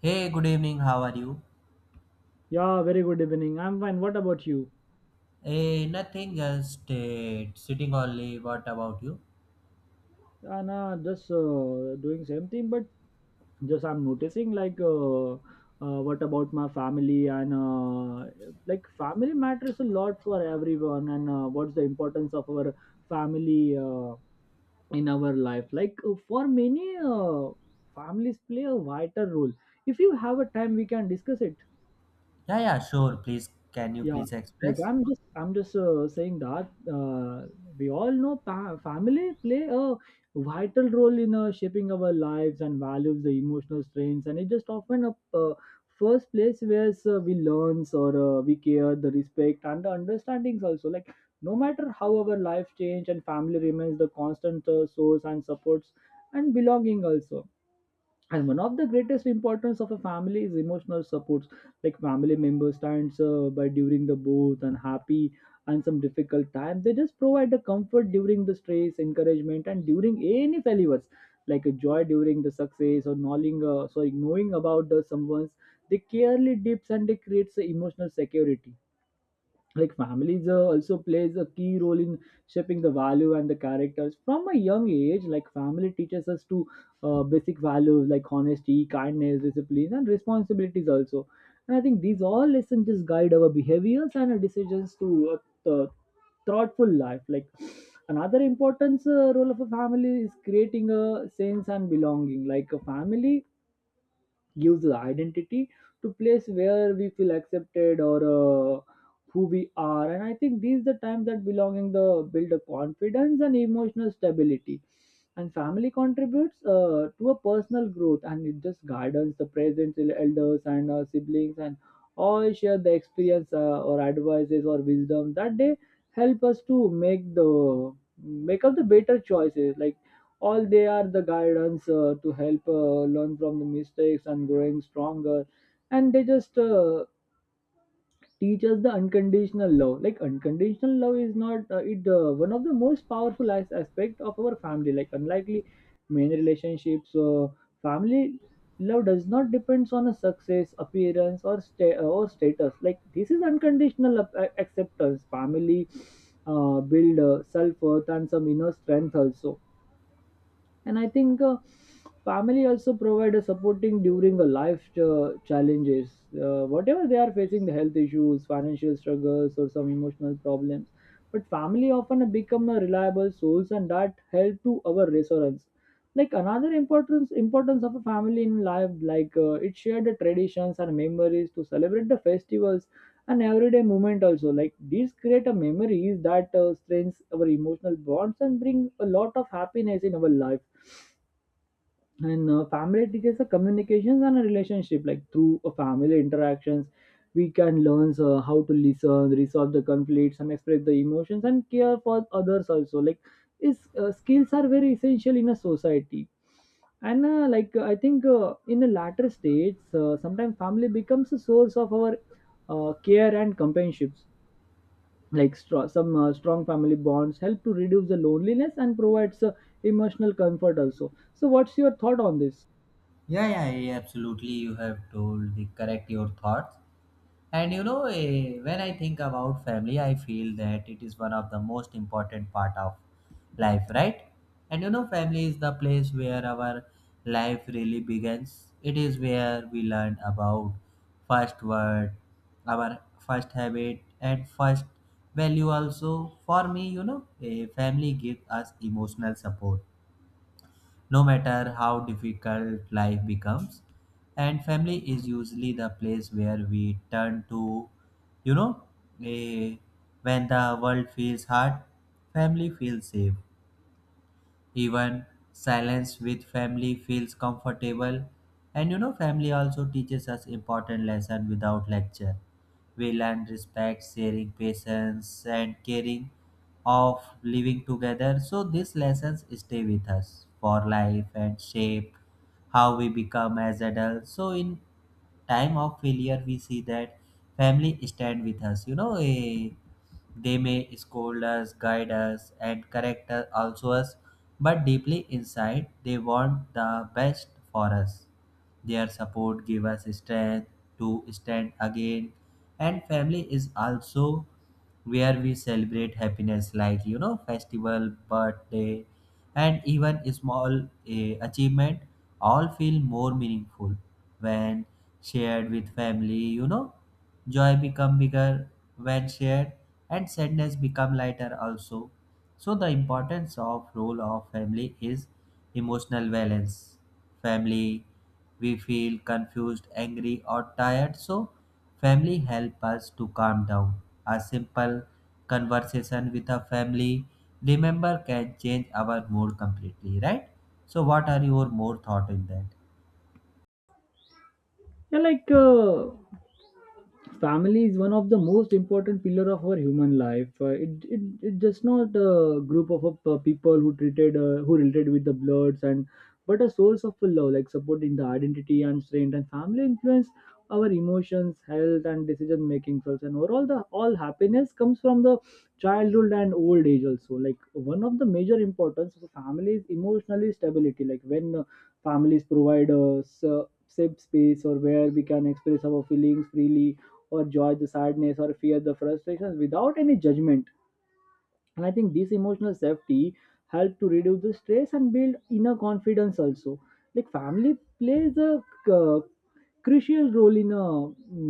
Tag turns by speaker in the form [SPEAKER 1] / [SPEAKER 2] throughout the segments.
[SPEAKER 1] Hey, good evening. How are you?
[SPEAKER 2] Yeah, very good evening. I'm fine. What about you?
[SPEAKER 1] Hey, nothing, just sitting only. What about you?
[SPEAKER 2] Nah, just doing same thing, but just I'm noticing like what about my family. And like family matters a lot for everyone, and what's the importance of our family in our life. Like for many, families play a vital role. If you have a time, we can discuss it.
[SPEAKER 1] Yeah, sure. Please, can you
[SPEAKER 2] Yeah,
[SPEAKER 1] please
[SPEAKER 2] like
[SPEAKER 1] express?
[SPEAKER 2] I'm just saying that we all know family play a vital role in shaping our lives and values, the emotional strains, and it just often a first place where we learns or we care the respect and the understandings also. Like no matter how our life change and family remains the constant source and supports and belonging also. And one of the greatest importance of a family is emotional supports, like family members stands by during the both and happy and some difficult times. They just provide the comfort during the stress encouragement and during any failures, like a joy during the success, or knowing sorry, knowing about the someone's they carely dips and they creates a emotional security. Like families also plays a key role in shaping the value and the characters from a young age, like family teaches us to basic values like honesty kindness discipline and responsibilities also. And I think these all lessons just guide our behaviors and our decisions to thoughtful life. Like another important role of a family is creating a sense and belonging, like a family gives the identity to place where we feel accepted, or who we are. And I think these the times that belonging the build a confidence and emotional stability, and family contributes to a personal growth, and it just guidance the present elders and siblings, and all share the experience or advices or wisdom that they help us to make the make up the better choices. Like all they are the guidance to help learn from the mistakes and growing stronger. And they just teach us the unconditional love, like unconditional love is not it one of the most powerful aspect of our family. Like unlikely many relationships family love does not depends on a success appearance or or status. Like this is unconditional acceptance family build self worth and some inner strength also. And I think family also provide a supporting during a life challenges, whatever they are facing the health issues financial struggles or some emotional problems. But family often become a reliable source and that help to our resonance. Like another importance of a family in life, like it shared the traditions and memories to celebrate the festivals and everyday moment also. Like these create a memories that strengthens our emotional bonds and bring a lot of happiness in our life. And family teaches the communications and a relationship, like through family interactions we can learn how to listen resolve the conflicts and express the emotions and care for others also. Like is skills are very essential in a society. And I think in the latter states sometimes family becomes a source of our care and companionships. Like some strong family bonds help to reduce the loneliness and provides emotional comfort also. So what's your thought on this?
[SPEAKER 1] Yeah, yeah, yeah, absolutely. You have told the correct your thoughts. And you know, when I think about family, I feel that it is one of the most important part of life, right? And you know, family is the place where our life really begins. It is where we learn about first word, our first habit, and first value. Also, for me, you know, a family gives us emotional support no matter how difficult life becomes. And family is usually the place where we turn to, you know, eh, when the world feels hard, family feels safe. Even silence with family feels comfortable. And you know, family also teaches us important lesson without lecture. We learn respect, sharing, patience, and caring of living together. So these lessons stay with us for life and shape how we become as adults. So in time of failure we see that family stand with us, they may scold us, guide us, and correct us also us, but deeply inside they want the best for us. Their support give us strength to stand again. And family is also where we celebrate happiness, like you know, festival, birthday, and even a small achievement all feel more meaningful when shared with family. You know, joy become bigger when shared, and sadness become lighter also. So the importance of role of family is emotional balance. Family, we feel confused, angry, or tired. So family help us to calm down. A simple conversation with a family remember can change our mood completely, right? So what are your more thought in that?
[SPEAKER 2] 要那个 family is one of the most important pillar of our human life. It just not a group of people who treated who related with the bloods and but a source of love, like supporting the identity and strength, and family influence our emotions health and decision making first, and overall the all happiness comes from the childhood and old age also. Like one of the major importance of the family is emotionally stability, like when families provide us safe space or where we can express our feelings freely, or joy, the sadness, or fear, the frustrations without any judgment. And I think this emotional safety help to reduce the stress and build inner confidence also. Like family plays a uh, crucial role in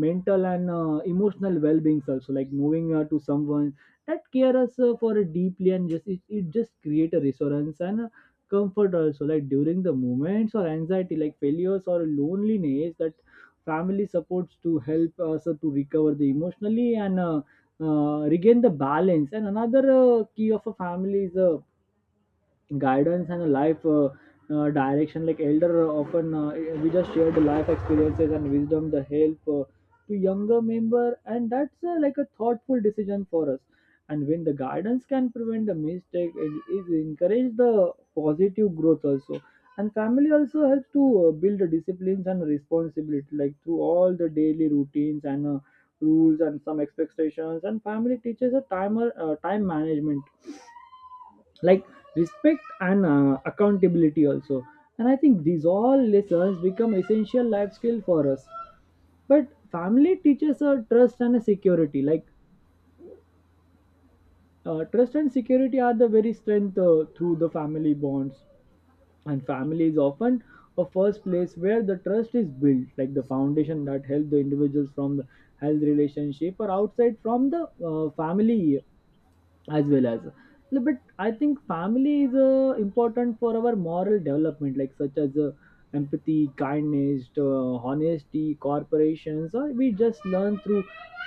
[SPEAKER 2] mental and emotional well-being also, like moving to someone that care us for a deeply, and just it just create a reassurance and a comfort also. Like during the moments or anxiety like failures or loneliness, that family supports to help us to recover the emotionally and regain the balance. And another key of a family is guidance and life direction, like elder often we just share the life experiences and wisdom the help to younger member, and that's like a thoughtful decision for us. And when the guidance can prevent the mistake, it encourage the positive growth also. And family also helps to build the disciplines and responsibility, like through all the daily routines and rules and some expectations, and family teaches a time management, like respect and accountability also. And I think these all lessons become essential life skill for us. But family teaches us trust and a security, like trust and security are the very strength through the family bonds. And family is often a first place where the trust is built, like the foundation that helps the individuals from the health relationship or outside from the family as well as. No, but I think family is important for our moral development, like such as empathy kindness honesty corporations or we just learn through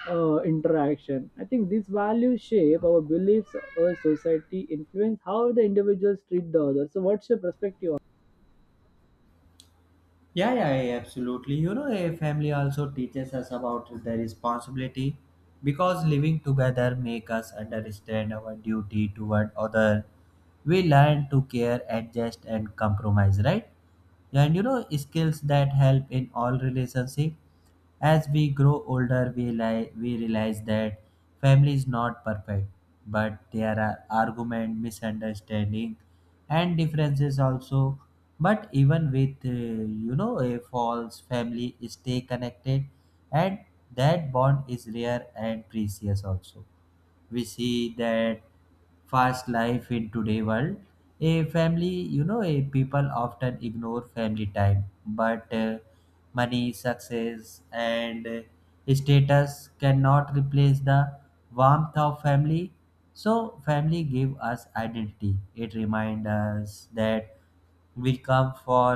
[SPEAKER 2] interaction. I think these values shape our beliefs our society influence how the individuals treat the others. So what's your perspective on?
[SPEAKER 1] Yeah, yeah, yeah, absolutely. You know, a family also teaches us about the responsibility because living together make us understand our duty toward other. We learn to care, adjust, and compromise, right? And you know, skills that help in all relationship. As we grow older, we realize that family is not perfect, but there are argument, misunderstanding, and differences also. But even with you know, a false family stay connected, and that bond is rare and precious also. We see that fast life in today world, a family, you know, a people often ignore family time. But money success and status cannot replace the warmth of family. So family give us identity. It reminds us that we come for,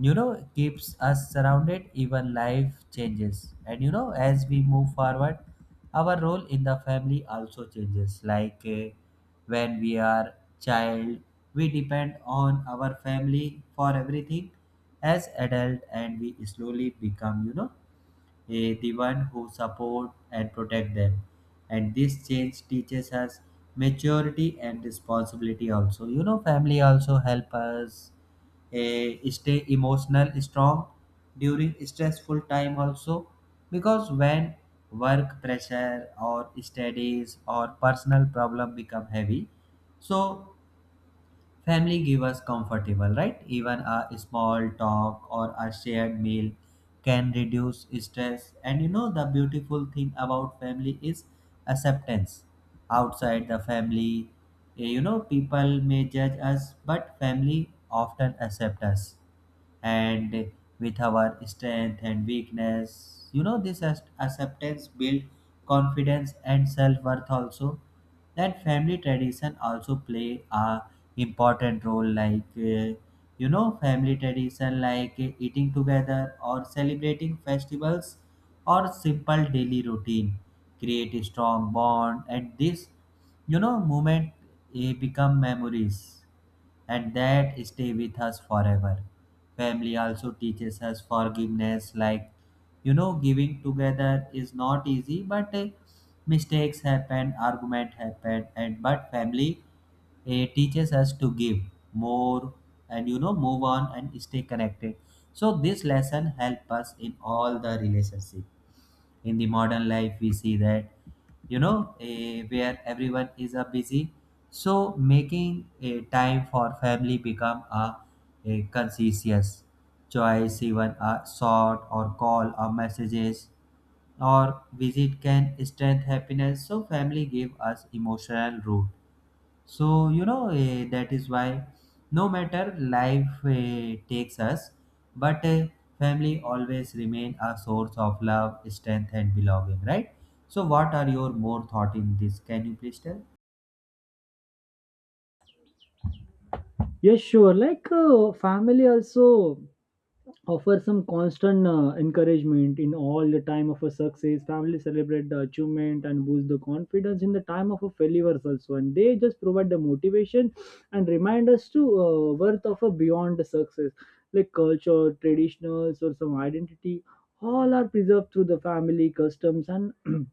[SPEAKER 1] you know, keeps us surrounded even life changes. And you know, as we move forward, our role in the family also changes, like when we are child we depend on our family for everything. As adult, and we slowly become, you know, the one who support and protect them. And this change teaches us maturity and responsibility also. You know, family also help us stay emotional strong during stressful time also, because when work pressure or studies or personal problem become heavy, so family give us comfortable, right? Even a small talk or a shared meal can reduce stress. And you know, the beautiful thing about family is acceptance. Outside the family, you know, people may judge us, but family often accept us. And with our strength and weakness, you know, this acceptance build confidence and self worth also. That family tradition also play a important role, like uh, you know, family tradition like eating together or celebrating festivals or simple daily routine create a strong bond. And this, you know, moment become memories, and that stay with us forever. Family also teaches us forgiveness, like you know, giving together is not easy, but mistakes happen, argument happen, and but family, it teaches us to give more and you know, move on and stay connected. So this lesson help us in all the relationship. In the modern life we see that, you know, where everyone is a busy, so making a time for family become a conscious choice. Even a short or call or messages or visit can strengthen happiness. So family give us emotional root. So, you know, that is why no matter life takes us, but family always remain a source of love, strength, and belonging, right? So, what are your more thought in this? Can you please tell?
[SPEAKER 2] Yes sure, like family also offer some constant encouragement in all the time of a success family celebrate the achievement and boost the confidence in the time of a failures also, and they just provide the motivation and remind us to worth of a beyond the success. Like culture traditionals or some identity all are preserved through the family customs and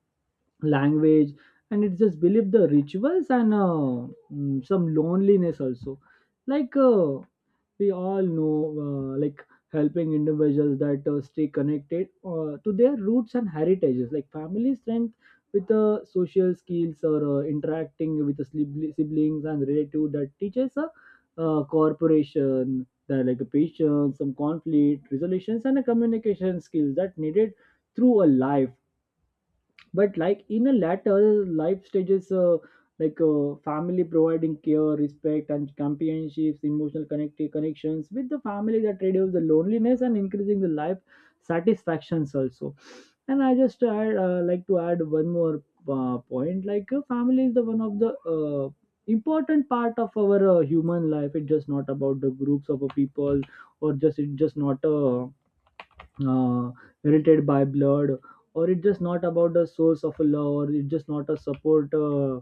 [SPEAKER 2] language, and it's just believe the rituals and some loneliness also. Like we all know like helping individuals that stay connected to their roots and heritages, like family strength with social skills or interacting with the siblings and relatives, that teaches a corporation that like a patience some conflict resolutions and a communication skills that needed through a life. But like in a latter life stages family providing care respect and companionships emotional connections with the family that reduce the loneliness and increasing the life satisfactions also. And I just add, like to add one more point, like family is the one of the important part of our human life. It's just not about the groups of people, or just it's just not a uh, related by blood, or it's just not about the source of a love, or it's just not a support uh,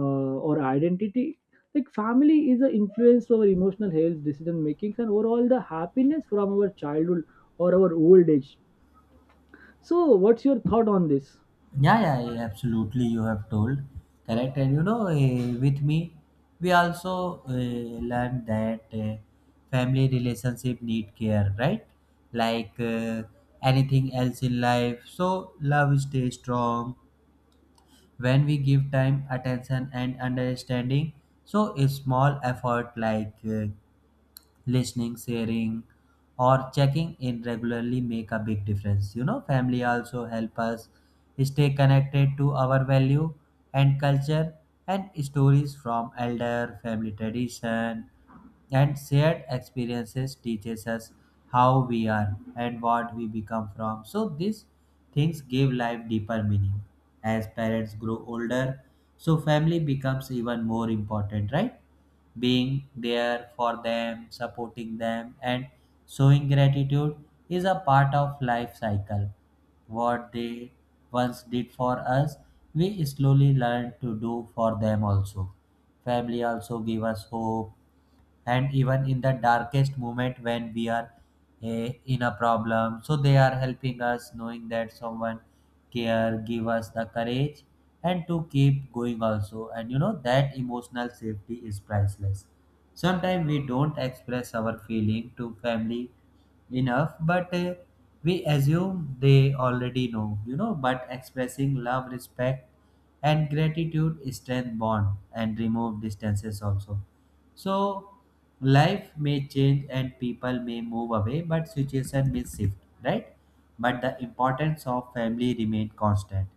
[SPEAKER 2] uh, or identity. Like family is an influence over emotional health decision making and overall the happiness from our childhood or our old age. So what's your thought on this?
[SPEAKER 1] Yeah, yeah, yeah, absolutely. You have told correct, and you know, with me, we also learned that family relationship need care, right? Like anything else in life. So love stay strong when we give time attention and understanding. So a small effort like listening, sharing, or checking in regularly make a big difference. You know, family also help us stay connected to our value and culture, and stories from elder family tradition and shared experiences teaches us how we are and what we become from. So these things give life deeper meaning. As parents grow older, so family becomes even more important, right? Being there for them, supporting them, and showing gratitude is a part of life cycle. What they once did for us, we slowly learn to do for them also. Family also give us hope, and even in the darkest moment when we are in a problem, so they are helping us. Knowing that someone care give us the courage and to keep going also. And you know that emotional safety is priceless. Sometimes we don't express our feeling to family enough, but we assume they already know, you know. But expressing love respect and gratitude strength bond and remove distances also. So life may change and people may move away, but situation may shift, right? But the importance of family remain constant.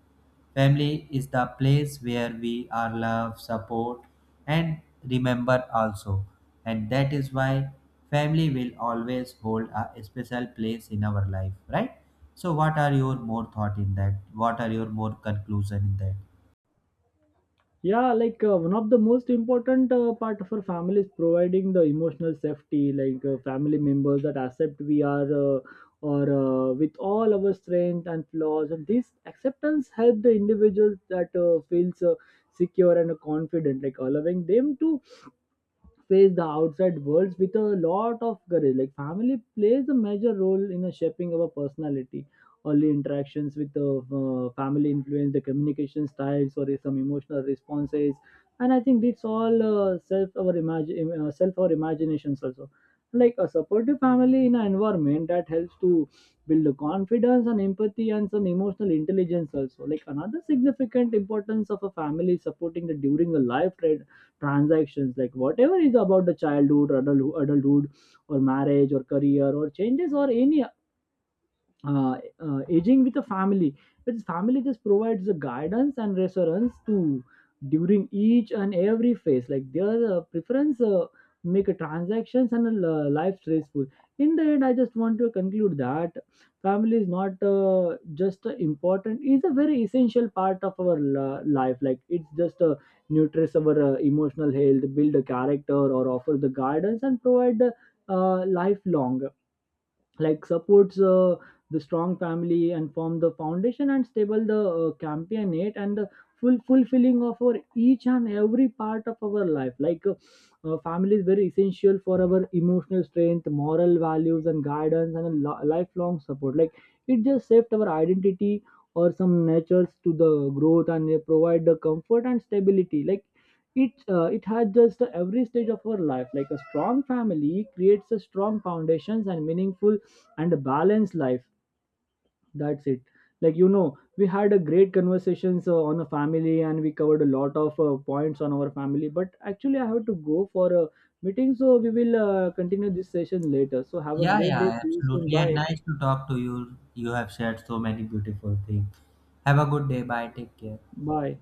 [SPEAKER 1] Family is the place where we are loved, support, and remember also. And that is why family will always hold a special place in our life, right? So what are your more thought in that? What are your more conclusion in that?
[SPEAKER 2] Yeah, like one of the most important part of our family is providing the emotional safety, like family members that accept we are or with all our strength and flaws, and this acceptance help the individuals that feels secure and confident, like allowing them to face the outside world with a lot of courage. Like family plays a major role in shaping our personality. Early interactions with the family influence the communication styles or some emotional responses, and I think it's all self our imaginations also. Like a supportive family in an environment that helps to build the confidence and empathy and some emotional intelligence also. Like another significant importance of a family is supporting the during the life transactions, like whatever is about the childhood adulthood or marriage or career or changes or any aging with a family, which family just provides the guidance and reassurance to during each and every phase, like their preference make a transactions and a life stressful. In the end I just want to conclude that family is not just a important is a very essential part of our life, like it's just a nurtures our emotional health build a character or offer the guidance and provide the lifelong like supports the strong family and form the foundation and stable the campionate and the full fulfilling of our each and every part of our life. Like family is very essential for our emotional strength moral values and guidance and a lifelong support, like it just shaped our identity or some natures to the growth, and they provide the comfort and stability, like it it has just every stage of our life. Like a strong family creates a strong foundations and meaningful and a balanced life. That's it. Like you know we had a great conversations on a family and we covered a lot of points on our family, but actually I have to go for a meeting, so we will continue this session later. So have a
[SPEAKER 1] Yeah,
[SPEAKER 2] great day,
[SPEAKER 1] yeah,
[SPEAKER 2] see you soon,
[SPEAKER 1] absolutely. And
[SPEAKER 2] bye
[SPEAKER 1] nice to talk to you. You have shared so many beautiful things. Have a good day. Bye. Take care.
[SPEAKER 2] bye.